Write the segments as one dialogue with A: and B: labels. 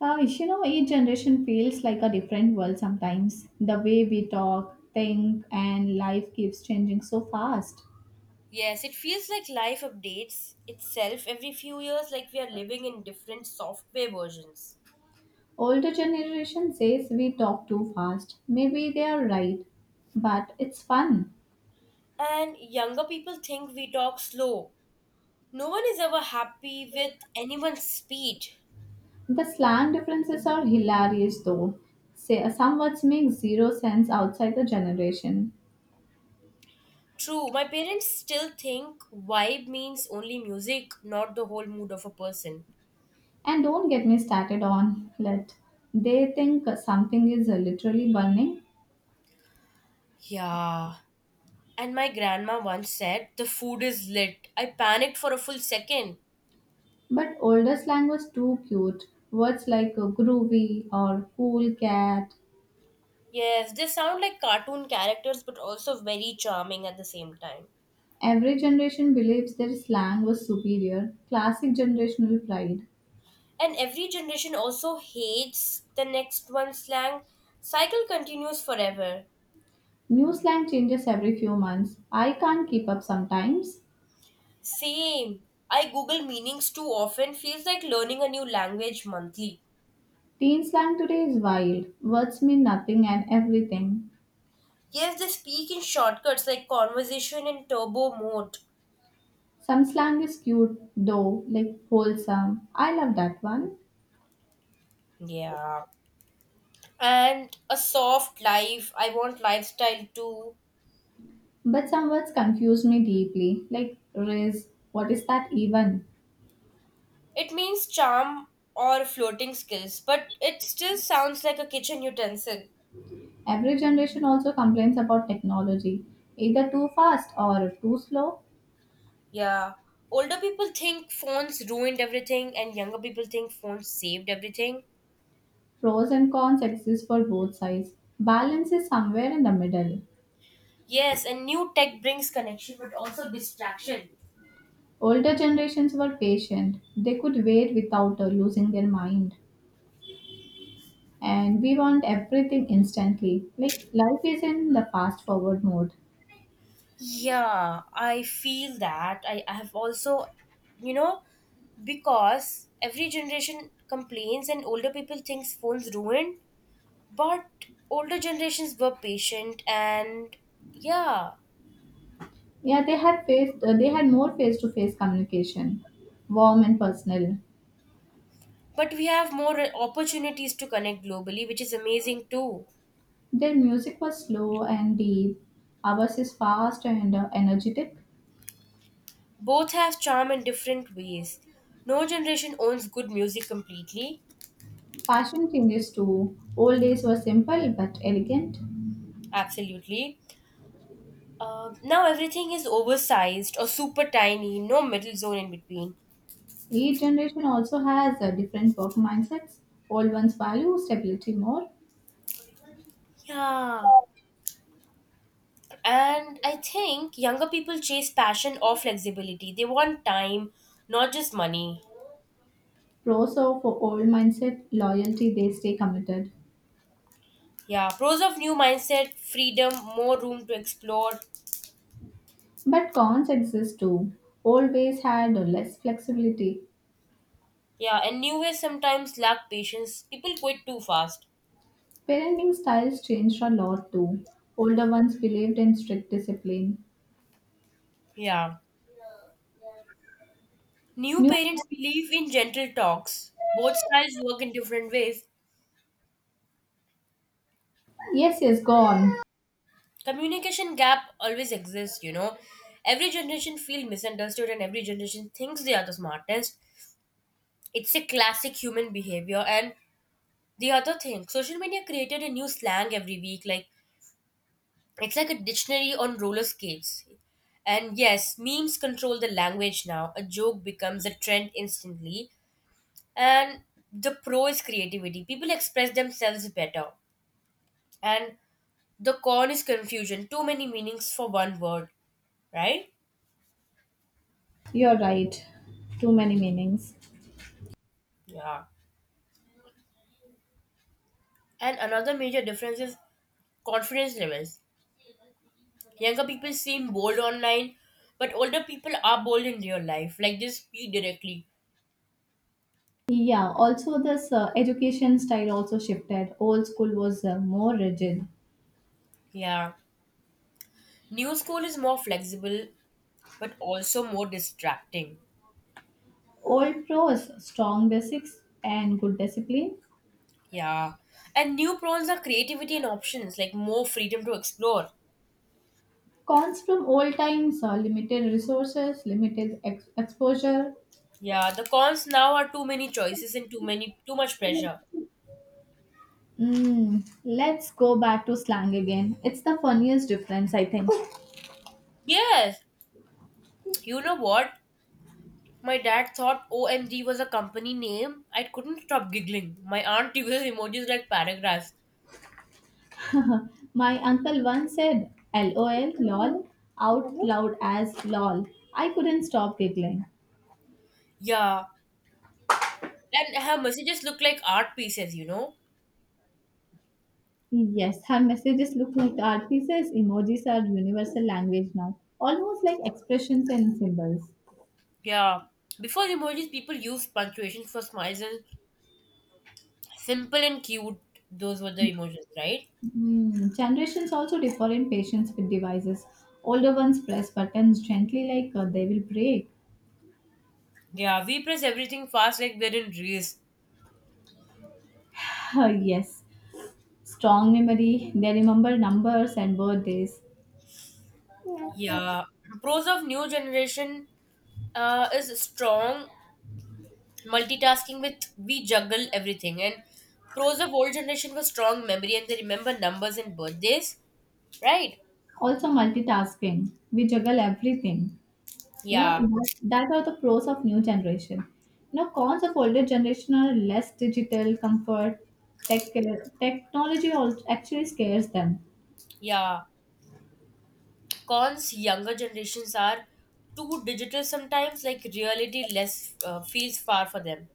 A: Each generation feels like a different world sometimes. The way we talk, think, and life keeps changing so fast.
B: Yes, it feels like life updates itself every few years, like we are living in different software versions.
A: Older generation says we talk too fast. Maybe they are right, but it's fun.
B: And younger people think we talk slow. No one is ever happy with anyone's speed.
A: The slang differences are hilarious though. Say, some words make zero sense outside the generation.
B: True, my parents still think vibe means only music, not the whole mood of a person.
A: And don't get me started on let. They think something is literally burning.
B: Yeah. And my grandma once said, The food is lit. I panicked for a full second.
A: But older slang was too cute. Words like groovy or cool cat.
B: Yes, they sound like cartoon characters, but also very charming at the same time.
A: Every generation believes their slang was superior. Classic generational pride.
B: And every generation also hates the next one's slang. Cycle continues forever.
A: New slang changes every few months. I can't keep up sometimes.
B: Same. I Google meanings too often feels like learning a new language monthly.
A: Teen slang today is wild. Words mean nothing and everything.
B: Yes, they speak in shortcuts like conversation in turbo mode.
A: Some slang is cute though, like wholesome. I love that one.
B: Yeah. And a soft life. I want lifestyle too.
A: But some words confuse me deeply, like riz. What is that even?
B: It means charm or floating skills, but it still sounds like a kitchen utensil.
A: Every generation also complains about technology, either too fast or too slow.
B: Yeah. Older people think phones ruined everything, and younger people think phones saved everything.
A: Pros and cons exist for both sides. Balance is somewhere in the middle.
B: Yes, and new tech brings connection but also distraction.
A: Older generations were patient, they could wait without losing their mind. And we want everything instantly. Like life is in the fast forward mode.
B: Yeah, I feel that. I have also, you know, because every generation complains and older people thinks phones ruined, but older generations were patient and yeah,
A: Yeah, they had more face to face communication, warm and personal.
B: but we have more opportunities to connect globally, which is amazing too.
A: Their music was slow and deep. Ours is fast and energetic.
B: Both have charm in different ways. No generation owns good music completely.
A: Fashion changes too. Old days were simple but elegant.
B: Absolutely. Now everything is oversized or super tiny, no middle zone in between.
A: Each generation also has different work mindsets. Old ones value stability more.
B: Yeah. And I think younger people chase passion or flexibility. They want time, not just money.
A: Pros of old mindset loyalty, they stay committed.
B: Yeah. Pros of new mindset, freedom, more room to explore.
A: But cons exist too. Old ways had less flexibility.
B: Yeah. And new ways sometimes lack patience. People quit too fast.
A: Parenting styles changed a lot too. Older ones believed in strict discipline.
B: Yeah. New
A: New
B: parents believe in gentle talks. Both styles work in different ways.
A: Yes, yes, gone.
B: Communication gap always exists, you know. Every generation feels misunderstood and every generation thinks they are the smartest. It's a classic human behavior. And the other thing, social media created a new slang every week. Like it's like a dictionary on roller skates. And yes, memes control the language now. A joke becomes a trend instantly. And the pro is creativity. People express themselves better. And the con is confusion, too many meanings for one word, right?
A: You're right. Too many meanings.
B: Yeah. And another major difference is confidence levels. Younger people seem bold online, but older people are bold in real life. Like they speak directly.
A: Yeah, also this education style also shifted. Old school was more rigid.
B: Yeah. New school is more flexible, but also more distracting.
A: Old pros, strong basics and good discipline.
B: Yeah. And new pros are creativity and options, like more freedom to explore.
A: Cons from old times, limited resources, limited exposure.
B: Yeah, the cons now are too many choices and too much pressure.
A: Let's go back to slang again. It's the funniest difference, I think.
B: Yes. You know what? My dad thought OMG was a company name. I couldn't stop giggling. My aunt uses emojis like paragraphs.
A: My uncle once said LOL, lol, out loud as lol. I couldn't stop giggling.
B: Yeah. And her messages look like art pieces, you know?
A: Yes, her messages look like art pieces. Emojis are universal language now, almost like expressions and symbols.
B: Yeah. Before emojis, people used punctuation for smiles and simple and cute. Those were the emojis, right?
A: Generations also differ in patience with devices. Older ones press buttons gently like they will break.
B: Yeah, we press everything fast like we're in race.
A: Ah, yes, strong memory. They remember numbers and birthdays.
B: Yeah. Pros of new generation is strong multitasking with we juggle everything, and pros of old generation was strong memory and they remember numbers and birthdays, right?
A: Also, multitasking. We juggle everything.
B: Yeah.
A: That are the pros of new generation. Now, cons of older generation are less digital comfort. tech Technology also actually scares them.
B: Yeah, cons younger generations are too digital sometimes, like reality less feels far for them.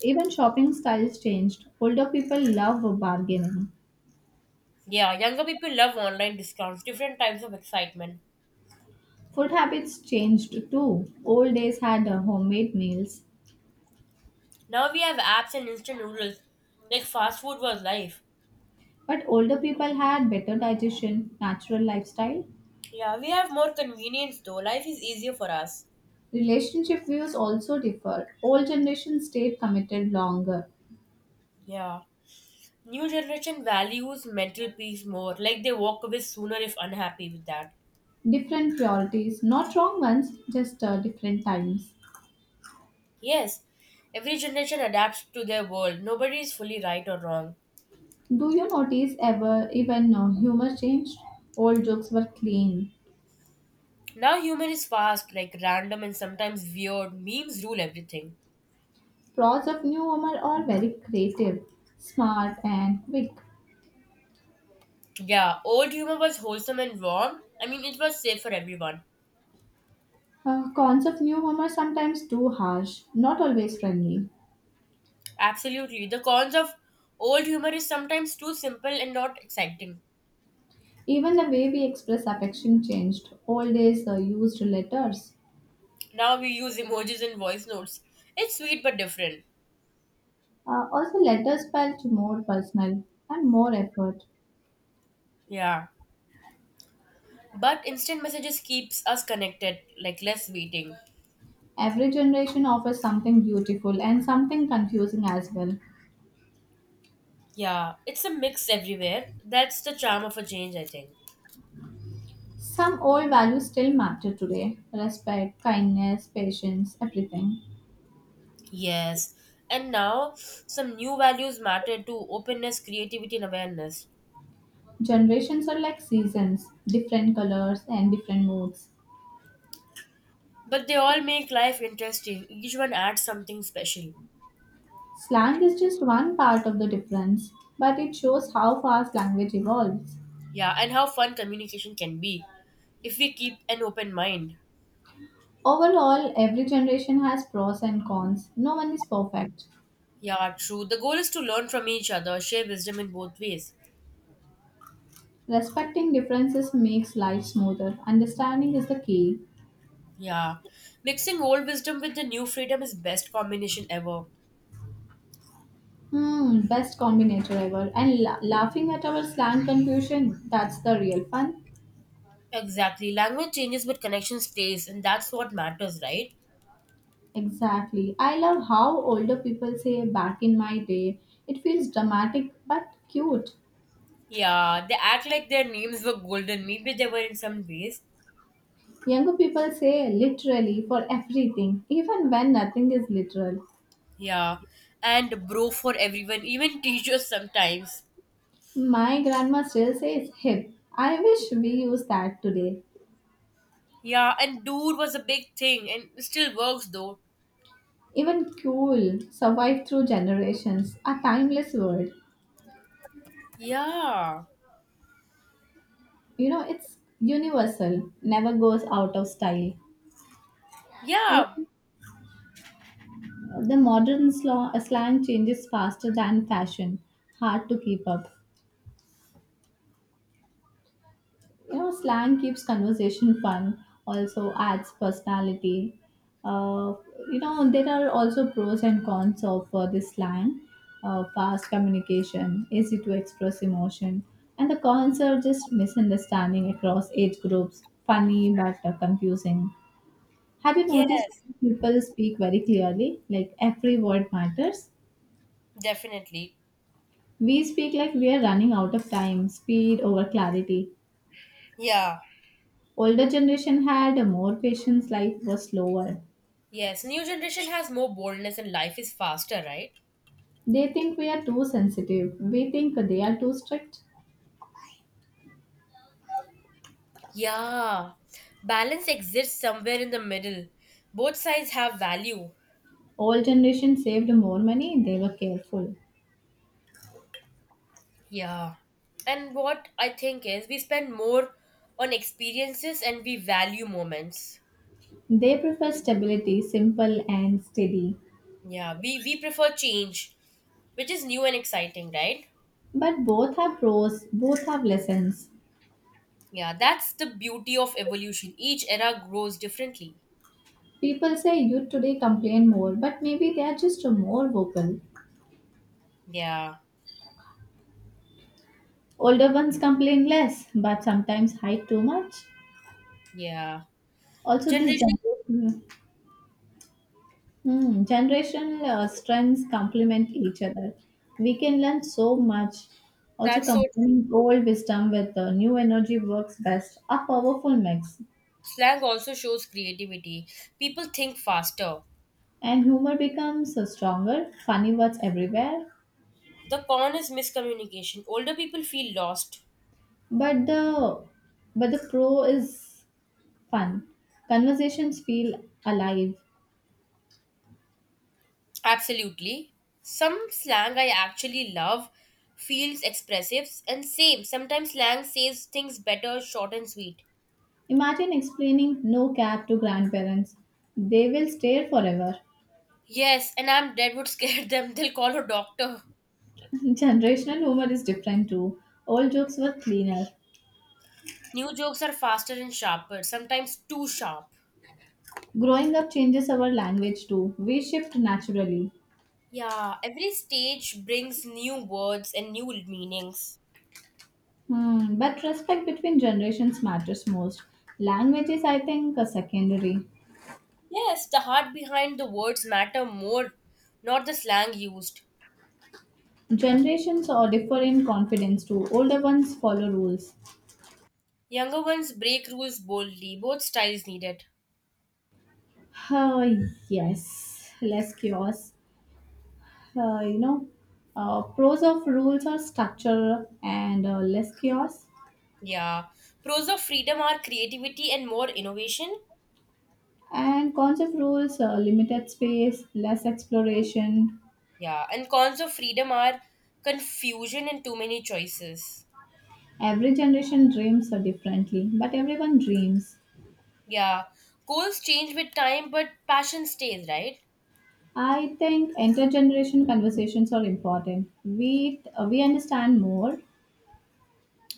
A: Even shopping styles changed. Older people love bargaining.
B: Yeah, younger people love online discounts, different types of excitement.
A: Food habits changed too. Old days had homemade meals,
B: Now we have apps and instant noodles, like fast food was life.
A: but older people had better digestion, natural lifestyle.
B: Yeah, we have more convenience though, life is easier for us.
A: Relationship views also differ. Old generation stayed committed longer.
B: Yeah. New generation values mental peace more, like they walk away sooner if unhappy with that.
A: Different priorities, not wrong ones, just different times.
B: Yes, every generation adapts to their world. Nobody is fully right or wrong.
A: Do you notice ever even humor changed? Old jokes were clean.
B: Now humor is fast, like random and sometimes weird. Memes rule everything.
A: Pros of new humor are very creative, smart, and quick.
B: Yeah, old humor was wholesome and warm. I mean, it was safe for everyone.
A: Cons of new humor sometimes too harsh, not always friendly.
B: Absolutely. The cons of old humor is sometimes too simple and not exciting.
A: Even the way we express affection changed. Old days used letters.
B: Now we use emojis and voice notes. It's sweet but different.
A: Also, letters felt more personal and more effort.
B: Yeah. But instant messages keeps us connected, like less waiting.
A: Every generation offers something beautiful and something confusing as well.
B: Yeah, it's a mix everywhere. That's the charm of a change, I think.
A: Some old values still matter today: respect, kindness, patience, everything.
B: Yes. And now some new values matter to openness, creativity, and awareness.
A: Generations are like seasons, different colors and different moods.
B: But they all make life interesting. Each one adds something special.
A: Slang is just one part of the difference, but it shows how fast language evolves.
B: Yeah, and how fun communication can be if we keep an open mind.
A: Overall, every generation has pros and cons. No one is perfect.
B: Yeah, true. The goal is to learn from each other, share wisdom in both ways.
A: Respecting differences makes life smoother. Understanding is the key.
B: Yeah. Mixing old wisdom with the new freedom is best combination ever.
A: Best combinator ever. And laughing at our slang confusion, that's the real fun.
B: Exactly. Language changes, but connection stays, and that's what matters, right?
A: Exactly. I love how older people say back in my day. It feels dramatic but cute.
B: Yeah, they act like their names were golden. Maybe they were in some ways.
A: Younger people say literally for everything, even when nothing is literal.
B: Yeah, and bro for everyone, even teachers sometimes.
A: My grandma still says hip. I wish we use that today.
B: Yeah, and dude was a big thing, and it still works though.
A: Even cool survived through generations, a timeless word.
B: Yeah,
A: It's universal, never goes out of style.
B: yeah,
A: The modern slang changes faster than fashion. Hard to keep up. Slang keeps conversation fun, also adds personality. Uh, there are also pros and cons of this slang. Fast communication, easy to express emotion. And the cons are just misunderstanding across age groups. Funny but confusing. Have you noticed
B: yes,
A: people speak very clearly? Like every word matters?
B: definitely.
A: We speak like we are running out of time, speed over clarity.
B: Yeah,
A: Older generation had more patience, life was slower.
B: yes. New generation has more boldness, and life is faster, right?
A: They think we are too sensitive. We think they are too strict.
B: Yeah, balance exists somewhere in the middle. Both sides have value.
A: Old generation saved more money, they were careful.
B: Yeah. And what I think is we spend more on experiences and we value moments.
A: They prefer stability, simple and steady.
B: Yeah, we prefer change, which is new and exciting, right?
A: But both have pros, both have lessons.
B: Yeah, that's the beauty of evolution. Each era grows differently.
A: People say youth today complain more, but maybe they are just more vocal.
B: Yeah,
A: Older ones complain less, but sometimes hide too much.
B: yeah.
A: Also,
B: Generation,
A: generational strengths complement each other. We can learn so much. Also,
B: that's so true.
A: combining old wisdom with new energy works best, a powerful mix.
B: Slang also shows creativity. People think faster.
A: And humor becomes stronger, funny words everywhere.
B: The con is miscommunication. Older people feel lost.
A: But the but the pro is fun. Conversations feel alive.
B: Absolutely. Some slang I actually love feels expressive and same. Sometimes slang says things better, short and sweet.
A: Imagine explaining no cap to grandparents. They will stare forever.
B: Yes, and I'm dead would scare them. They'll call a doctor.
A: Generational humor is different too. Old jokes were cleaner.
B: New jokes are faster and sharper, sometimes too sharp.
A: Growing up changes our language too. We shift naturally.
B: Yeah, every stage brings new words and new meanings.
A: But respect between generations matters most. Language is, I think, a secondary.
B: Yes, the heart behind the words matter more, not the slang used.
A: Generations all differ in confidence too. Older ones follow rules.
B: Younger ones break rules boldly, both styles needed.
A: Ah, yes, less chaos. Uh, you know, Pros of rules are structure and less chaos.
B: Yeah. Pros of freedom are creativity and more innovation.
A: And cons of rules, limited space, less exploration.
B: Yeah. And cons of freedom are confusion and too many choices.
A: Every generation dreams so differently, but everyone dreams.
B: Yeah. Goals change with time, but passion stays, right?
A: I think intergeneration conversations are important. We understand more.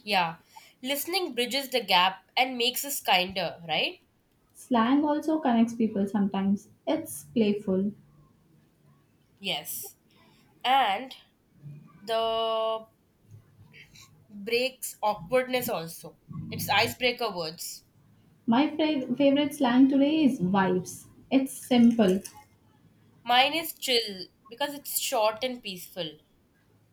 B: Yeah. Listening bridges the gap and makes us kinder, right?
A: Slang also connects people sometimes. It's playful.
B: Yes. And the breaks awkwardness also. It's icebreaker words.
A: My favorite slang today is vibes. It's simple.
B: Mine is chill because it's short and peaceful.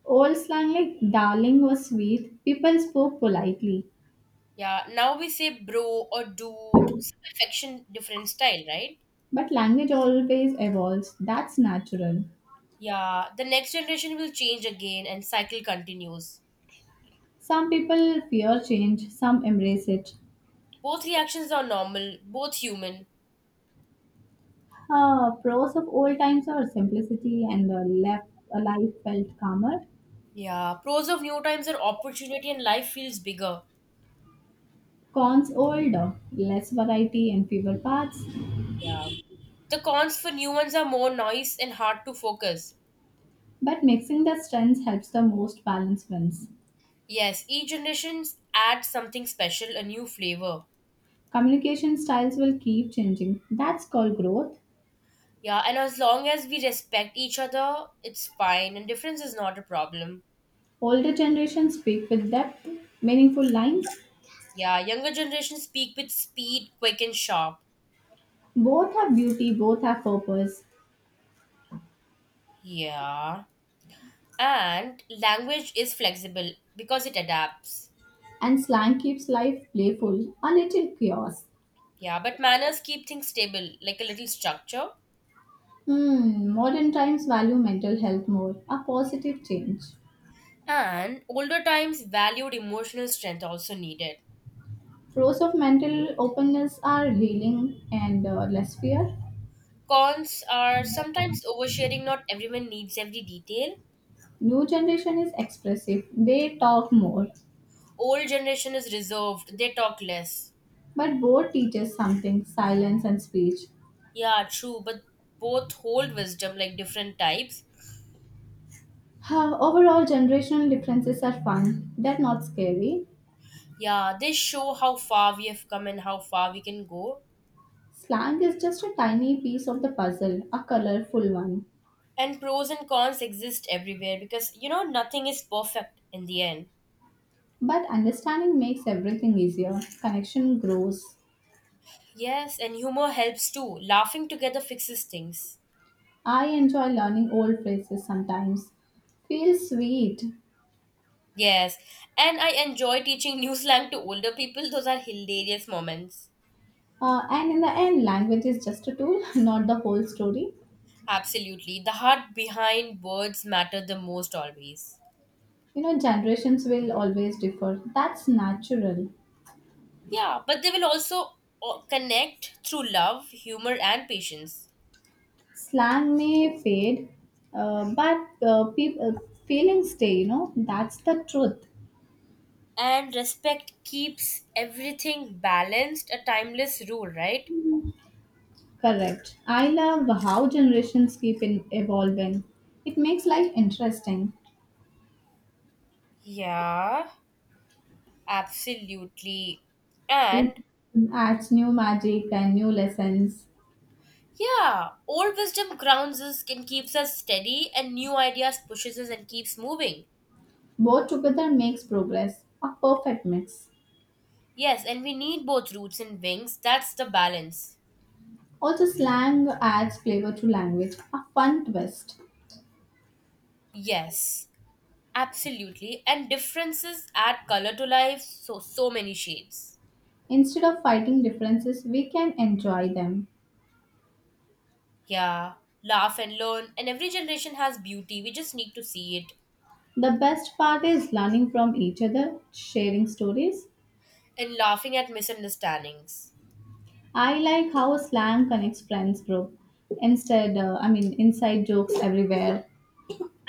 A: Old slang like darling was sweet. People spoke politely,
B: Yeah, now we say bro or dude, some affection, different style, right?
A: but language always evolves. That's natural.
B: Yeah, the next generation will change again and cycle continues.
A: Some people fear change, some embrace it.
B: Both reactions are normal, both human.
A: Pros of old times are simplicity and a life felt calmer.
B: Yeah, pros of new times are opportunity and life feels bigger.
A: Cons older, less variety and fewer paths.
B: Yeah. The cons for new ones are more noise and hard to focus.
A: But mixing the strengths helps the most balanced wins.
B: Yes, each generation adds something special, a new flavor.
A: Communication styles will keep changing. That's called growth.
B: Yeah, and as long as we respect each other, it's fine and difference is not a problem.
A: Older generations speak with depth, meaningful lines.
B: Yeah, younger generations speak with speed, quick and sharp.
A: Both have beauty, both have purpose.
B: Yeah. And language is flexible because it adapts.
A: And slang keeps life playful, a little chaos.
B: Yeah, but manners keep things stable, like a little structure.
A: Modern times value mental health more, a positive change.
B: And older times valued emotional strength also needed.
A: Pros of mental openness are healing and less fear.
B: Cons are sometimes oversharing, not everyone needs every detail.
A: New generation is expressive. They talk more,
B: Old generation is reserved, they talk less.
A: but both teaches something, silence and speech.
B: Yeah, true, but both hold wisdom like different types.
A: Overall, generational differences are fun. They're not scary.
B: Yeah, they show how far we have come and how far we can go.
A: Slang is just a tiny piece of the puzzle, a colorful one.
B: And pros and cons exist everywhere because you know nothing is perfect in the end.
A: But understanding makes everything easier. Connection grows.
B: Yes, and humor helps too, laughing together fixes things.
A: I enjoy learning old phrases sometimes. Feels sweet.
B: Yes, and I enjoy teaching new slang to older people, those are hilarious moments.
A: And in the end, language is just a tool, not the whole story.
B: Absolutely, the heart behind words matter the most always.
A: Generations will always differ. That's natural.
B: Yeah, but they will also connect through love, humor and patience.
A: Slang may fade, but feelings stay, that's the truth.
B: And respect keeps everything balanced, a timeless rule, right?
A: Correct. I love how generations keep in evolving. It makes life interesting.
B: Yeah. Absolutely.
A: It
B: And
A: adds new magic and new lessons.
B: yeah, old wisdom grounds us and keeps us steady, and new ideas pushes us and keeps moving.
A: Both together makes progress, a perfect mix.
B: Yes, and we need both roots and wings. That's the balance.
A: Also, slang adds flavor to language, a fun twist.
B: Yes, absolutely. And differences add color to life, so so many shades.
A: Instead of fighting differences, we can enjoy them.
B: Yeah, laugh and learn, and every generation has beauty. We just need to see it.
A: The best part is learning from each other, sharing stories.
B: And laughing at misunderstandings.
A: I like how slang connects friends group. Instead, I mean, inside jokes everywhere.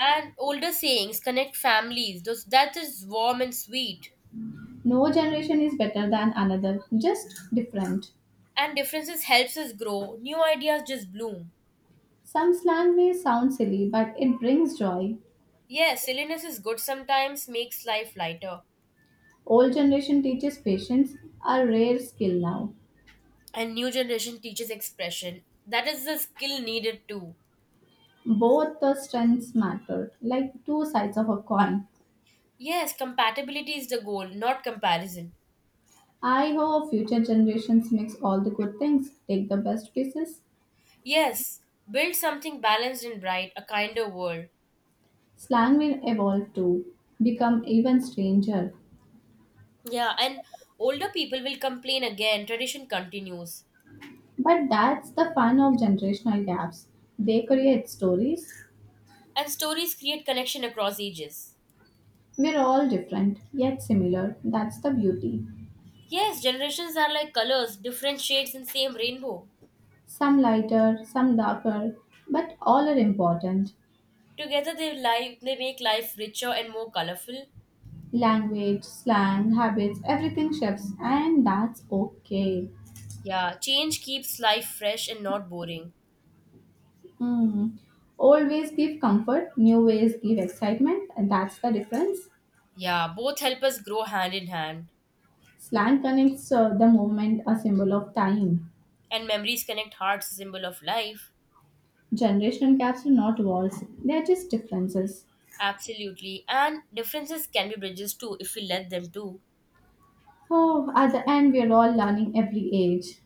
B: And older sayings connect families. Those that is warm and sweet.
A: No generation is better than another, just different.
B: And differences helps us grow, new ideas just bloom.
A: Some slang may sound silly, but it brings joy.
B: Yes, silliness is good sometimes, makes life lighter.
A: Old generation teaches patience, a rare skill now.
B: And new generation teaches expression, that is the skill needed too.
A: Both the strengths matter, like two sides of a coin.
B: Yes, compatibility is the goal, not comparison.
A: I hope future generations mix all the good things, take the best pieces.
B: Yes, build something balanced and bright, a kinder world.
A: Slang will evolve too, become even stranger.
B: Yeah, and older people will complain again, tradition continues.
A: But that's the fun of generational gaps. They create stories.
B: And stories create connection across ages.
A: We're all different, yet similar. That's the beauty.
B: Yes, generations are like colors, different shades in same rainbow.
A: Some lighter, some darker, but all are important.
B: Together they life they make life richer and more colorful.
A: Language, slang, habits, everything shifts, and that's okay.
B: Yeah, change keeps life fresh and not boring.
A: Mm. Old ways give comfort, new ways give excitement, and that's the difference.
B: Yeah, both help us grow hand in hand.
A: Slang connects the movement, a symbol of time.
B: And memories connect hearts, a symbol of life.
A: Generation gaps are not walls, they are just differences.
B: Absolutely. And differences can be bridges too if we let them to.
A: So, at the end, we are all learning every age.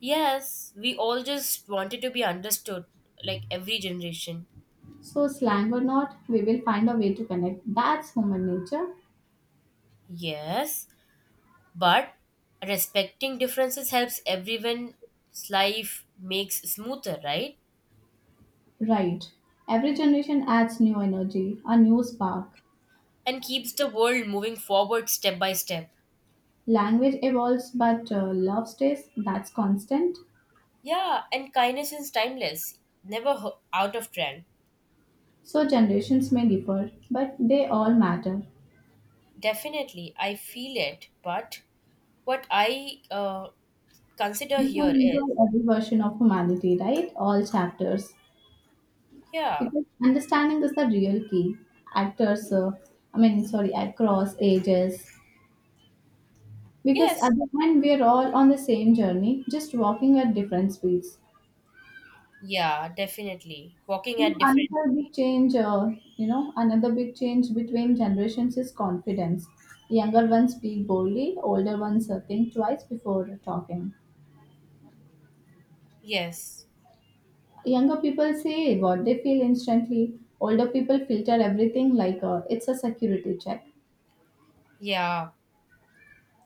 B: Yes, we all just wanted to be understood, like every generation.
A: So, slang or not, we will find a way to connect. That's human nature.
B: Yes, but respecting differences helps everyone's life makes smoother, right?
A: Right. Every generation adds new energy, a new spark.
B: And keeps the world moving forward step by step.
A: Language evolves, but love stays. That's constant.
B: Yeah, and kindness is timeless, never ho- out of trend.
A: So generations may differ, but they all matter.
B: Definitely, I feel it. But what I consider
A: We can
B: here is,
A: enjoy every version of humanity, right? All chapters.
B: yeah,
A: Because understanding is the real key. Actors, I mean, sorry, across ages. Because
B: yes,
A: at the end, we are all on the same journey, just walking at different speeds.
B: yeah, definitely. Walking
A: You know,
B: at different,
A: another big change, uh, Another big change between generations is confidence. Younger ones speak boldly, older ones think twice before talking.
B: yes,
A: Younger people say what they feel instantly. Older people filter everything like it's a security check.
B: yeah,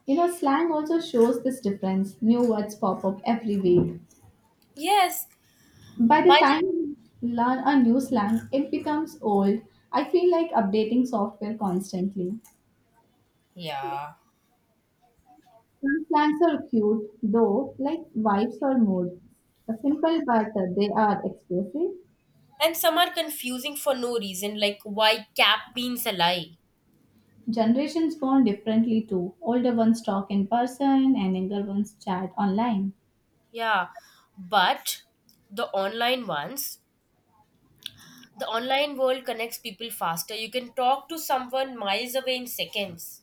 A: Slang also shows this difference. New words pop up every week.
B: yes.
A: By the
B: But
A: time you learn a new slang, it becomes old. I feel like updating software constantly.
B: yeah,
A: Some slangs are cute, though, like vibes or mood. A simple, but they are expressive.
B: and some are confusing for no reason, like why cap means a lie.
A: Generations bond differently too. Older ones talk in person, and younger ones chat online.
B: Yeah, but the online ones the online world connects people faster. You can talk to someone miles away in seconds.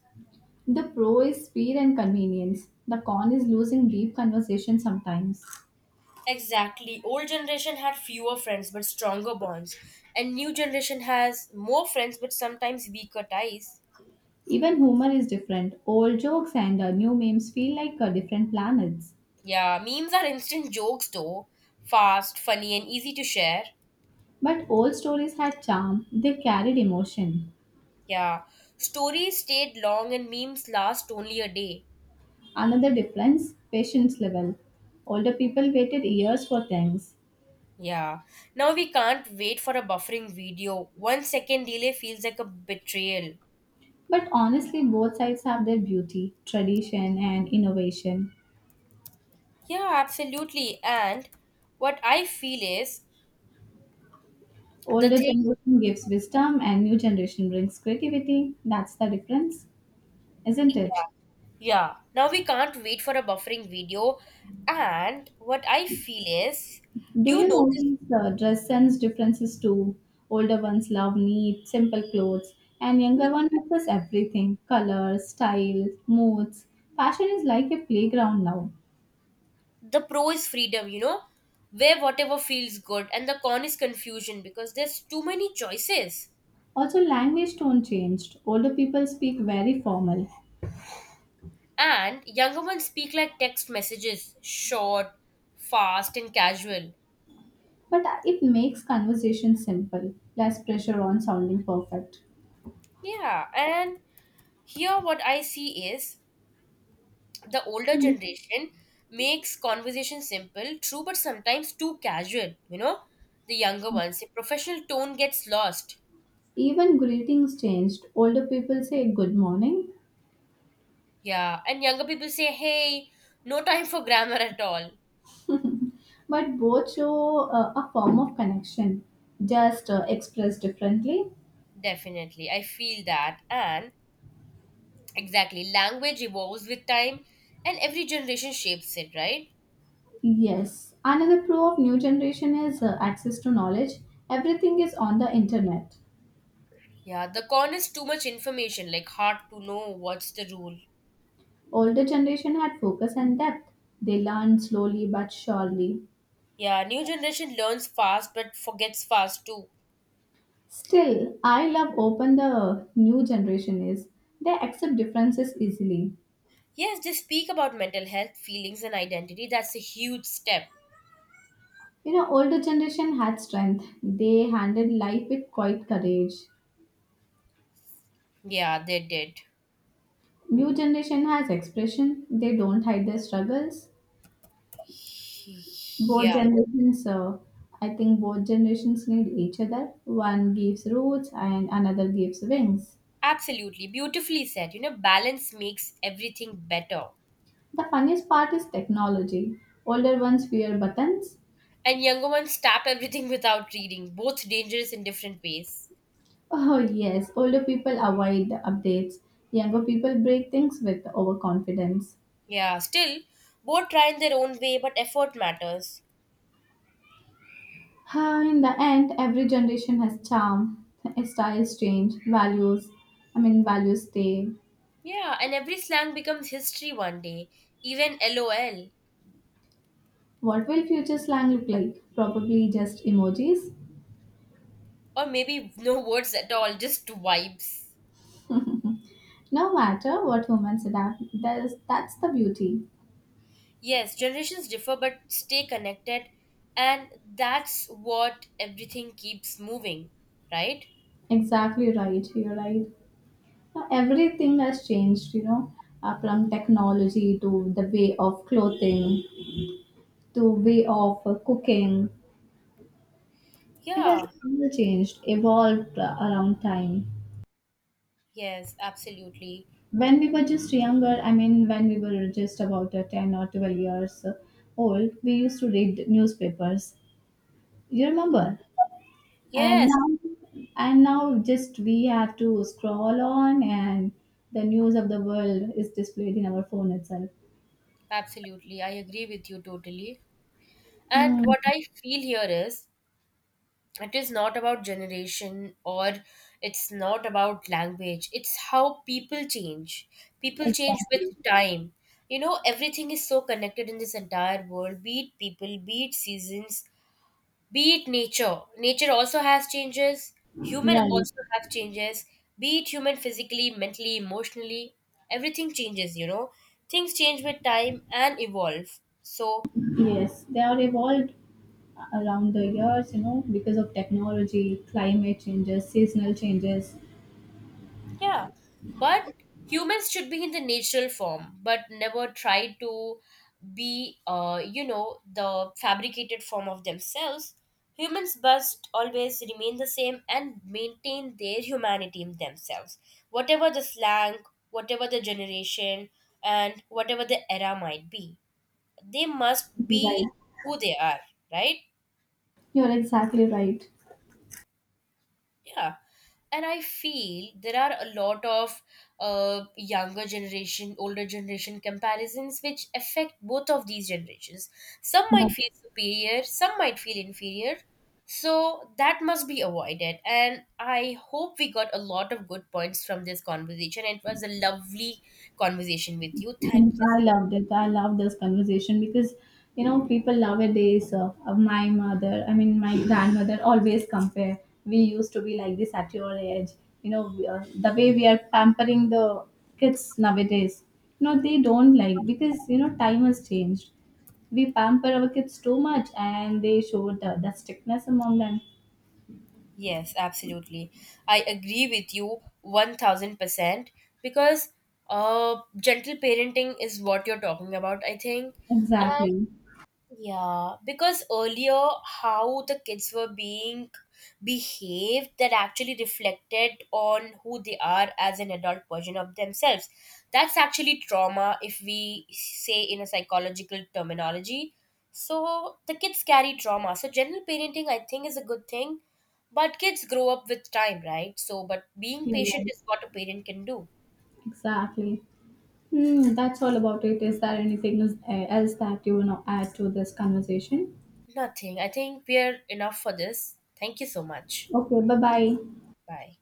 A: The pro is speed and convenience. The con is losing deep conversation sometimes.
B: Exactly. Old generation had fewer friends but stronger bonds, and new generation has more friends but sometimes weaker ties.
A: Even humor is different. Old jokes and new memes feel like different planets.
B: Yeah, memes are instant jokes though, fast, funny, and easy to share.
A: But old stories had charm, they carried emotion.
B: Yeah, stories stayed long and memes last only a day.
A: Another difference patience level. Older people waited years for things.
B: Yeah, now we can't wait for a buffering video. 1 second delay feels like a betrayal.
A: But honestly, both sides have their beauty, tradition, and innovation.
B: Yeah, absolutely. And what I feel is the
A: Older
B: thing,
A: generation gives wisdom, and new generation brings creativity. That's the difference, isn't it?
B: yeah, yeah. Now we can't wait for a buffering video. And what I feel is,
A: Do
B: do you
A: you
B: notice,
A: notice dress sense differences too? Older ones love neat, simple clothes, and
B: yeah,
A: younger ones prefers everything colors, style, moods. Fashion is like a playground now.
B: the pro is freedom, where whatever feels good, and the con is confusion because there's too many choices.
A: Also, language tone changed. Older people speak very formal,
B: And younger ones speak like text messages, short, fast, and casual.
A: but it makes conversation simple, less pressure on sounding perfect.
B: Yeah, and here what I see is the older generation makes conversation simple, true, but sometimes too casual, you know? The younger ones, the professional tone gets lost.
A: Even greetings changed. Older people say good morning,
B: Yeah, and younger people say, hey, no time for grammar at all.
A: but both show a form of connection, just expressed differently.
B: Definitely, I feel that. And exactly, language evolves with time, and every generation shapes it, right?
A: Yes, another pro of new generation is access to knowledge. Everything is on the internet.
B: Yeah, the con is too much information, like hard to know what's the rule.
A: Older generation had focus and depth. They learned slowly but surely.
B: Yeah, new generation learns fast but forgets fast too.
A: Still, I love open the new generation is. They accept differences easily.
B: Yes, they speak about mental health, feelings, and identity. That's a huge step.
A: Older generation had strength. They handled life with quite courage.
B: Yeah, they did.
A: New generation has expression. They don't hide their struggles. Both
B: Yeah,
A: generations I think both generations need each other. One gives roots and another gives wings.
B: absolutely. Beautifully said. You know, balance makes everything better.
A: The funniest part is technology. Older ones fear buttons.
B: And younger ones tap everything without reading, both dangerous in different ways.
A: Oh yes, older people avoid the updates. Younger people break things with overconfidence.
B: Yeah, still, both try in their own way, but effort matters.
A: Ah, in the end, every generation has charm. Styles change values, I mean, values stay.
B: Yeah, and every slang becomes history one day, even LOL.
A: What will future slang look like? Probably just emojis.
B: Or maybe no words at all, just vibes.
A: No matter what humans adapt, that's the beauty.
B: Yes, generations differ but stay connected, and that's what everything keeps moving, right?
A: Exactly right, you're right. Now, everything has changed, from technology to the way of clothing to way of cooking. It has
B: Yeah,
A: all changed, evolved around time.
B: yes, absolutely.
A: When we were just younger, I mean, when we were just about 10 or 12 years old, we used to read newspapers. You remember? and
B: Yes,
A: now and now just we have to scroll on, and the news of the world is displayed in our phone itself.
B: absolutely. I agree with you totally. And
A: Hmm.
B: what I feel here is, it is not about generation or it's not about language, it's how people change. People change with
A: Exactly
B: time. You know, everything is so connected in this entire world, be it people, be it seasons, be it nature. Nature also has changes, human
A: right.
B: also have changes, be it human physically, mentally, emotionally. Everything changes. Things change with time and evolve. So
A: Yes, they are evolved around the years, because of technology, climate changes, seasonal changes.
B: yeah, but humans should be in the natural form, but never try to be the fabricated form of themselves. Humans must always remain the same and maintain their humanity in themselves, whatever the slang, whatever the generation, and whatever the era might be. They must be
A: Right.
B: who they are, right?
A: You're exactly right.
B: Yeah. And I feel there are a lot of younger generation, older generation comparisons which affect both of these generations. Some might
A: That
B: feel superior, some might feel inferior. So that must be avoided. And I hope we got a lot of good points from this conversation. It was a lovely conversation with you. Thank you
A: I
B: so.
A: loved it. I love this conversation because people nowadays. My mother, I mean my grandmother, always compare. We used to be like this at your age. You know, the way we are pampering the kids nowadays. No, they don't like because time has changed. We pamper our kids too much, and they show the strictness among them.
B: Yes, absolutely. I agree with you 1000% because gentle parenting is what you're talking about, I think.
A: Exactly.
B: Yeah, because earlier how the kids were being behaved, that actually reflected on who they are as an adult version of themselves. That's actually trauma, if we say in a psychological terminology. So the kids carry trauma. So general parenting, I think, is a good thing, but kids grow up with time, right? So, but being
A: You're
B: patient
A: right.
B: is what a parent can do.
A: Exactly. That's all about it. Is there anything else that you want to add to this conversation?
B: Nothing. I think we are enough for this. Thank you so much.
A: Okay, bye bye.
B: Bye.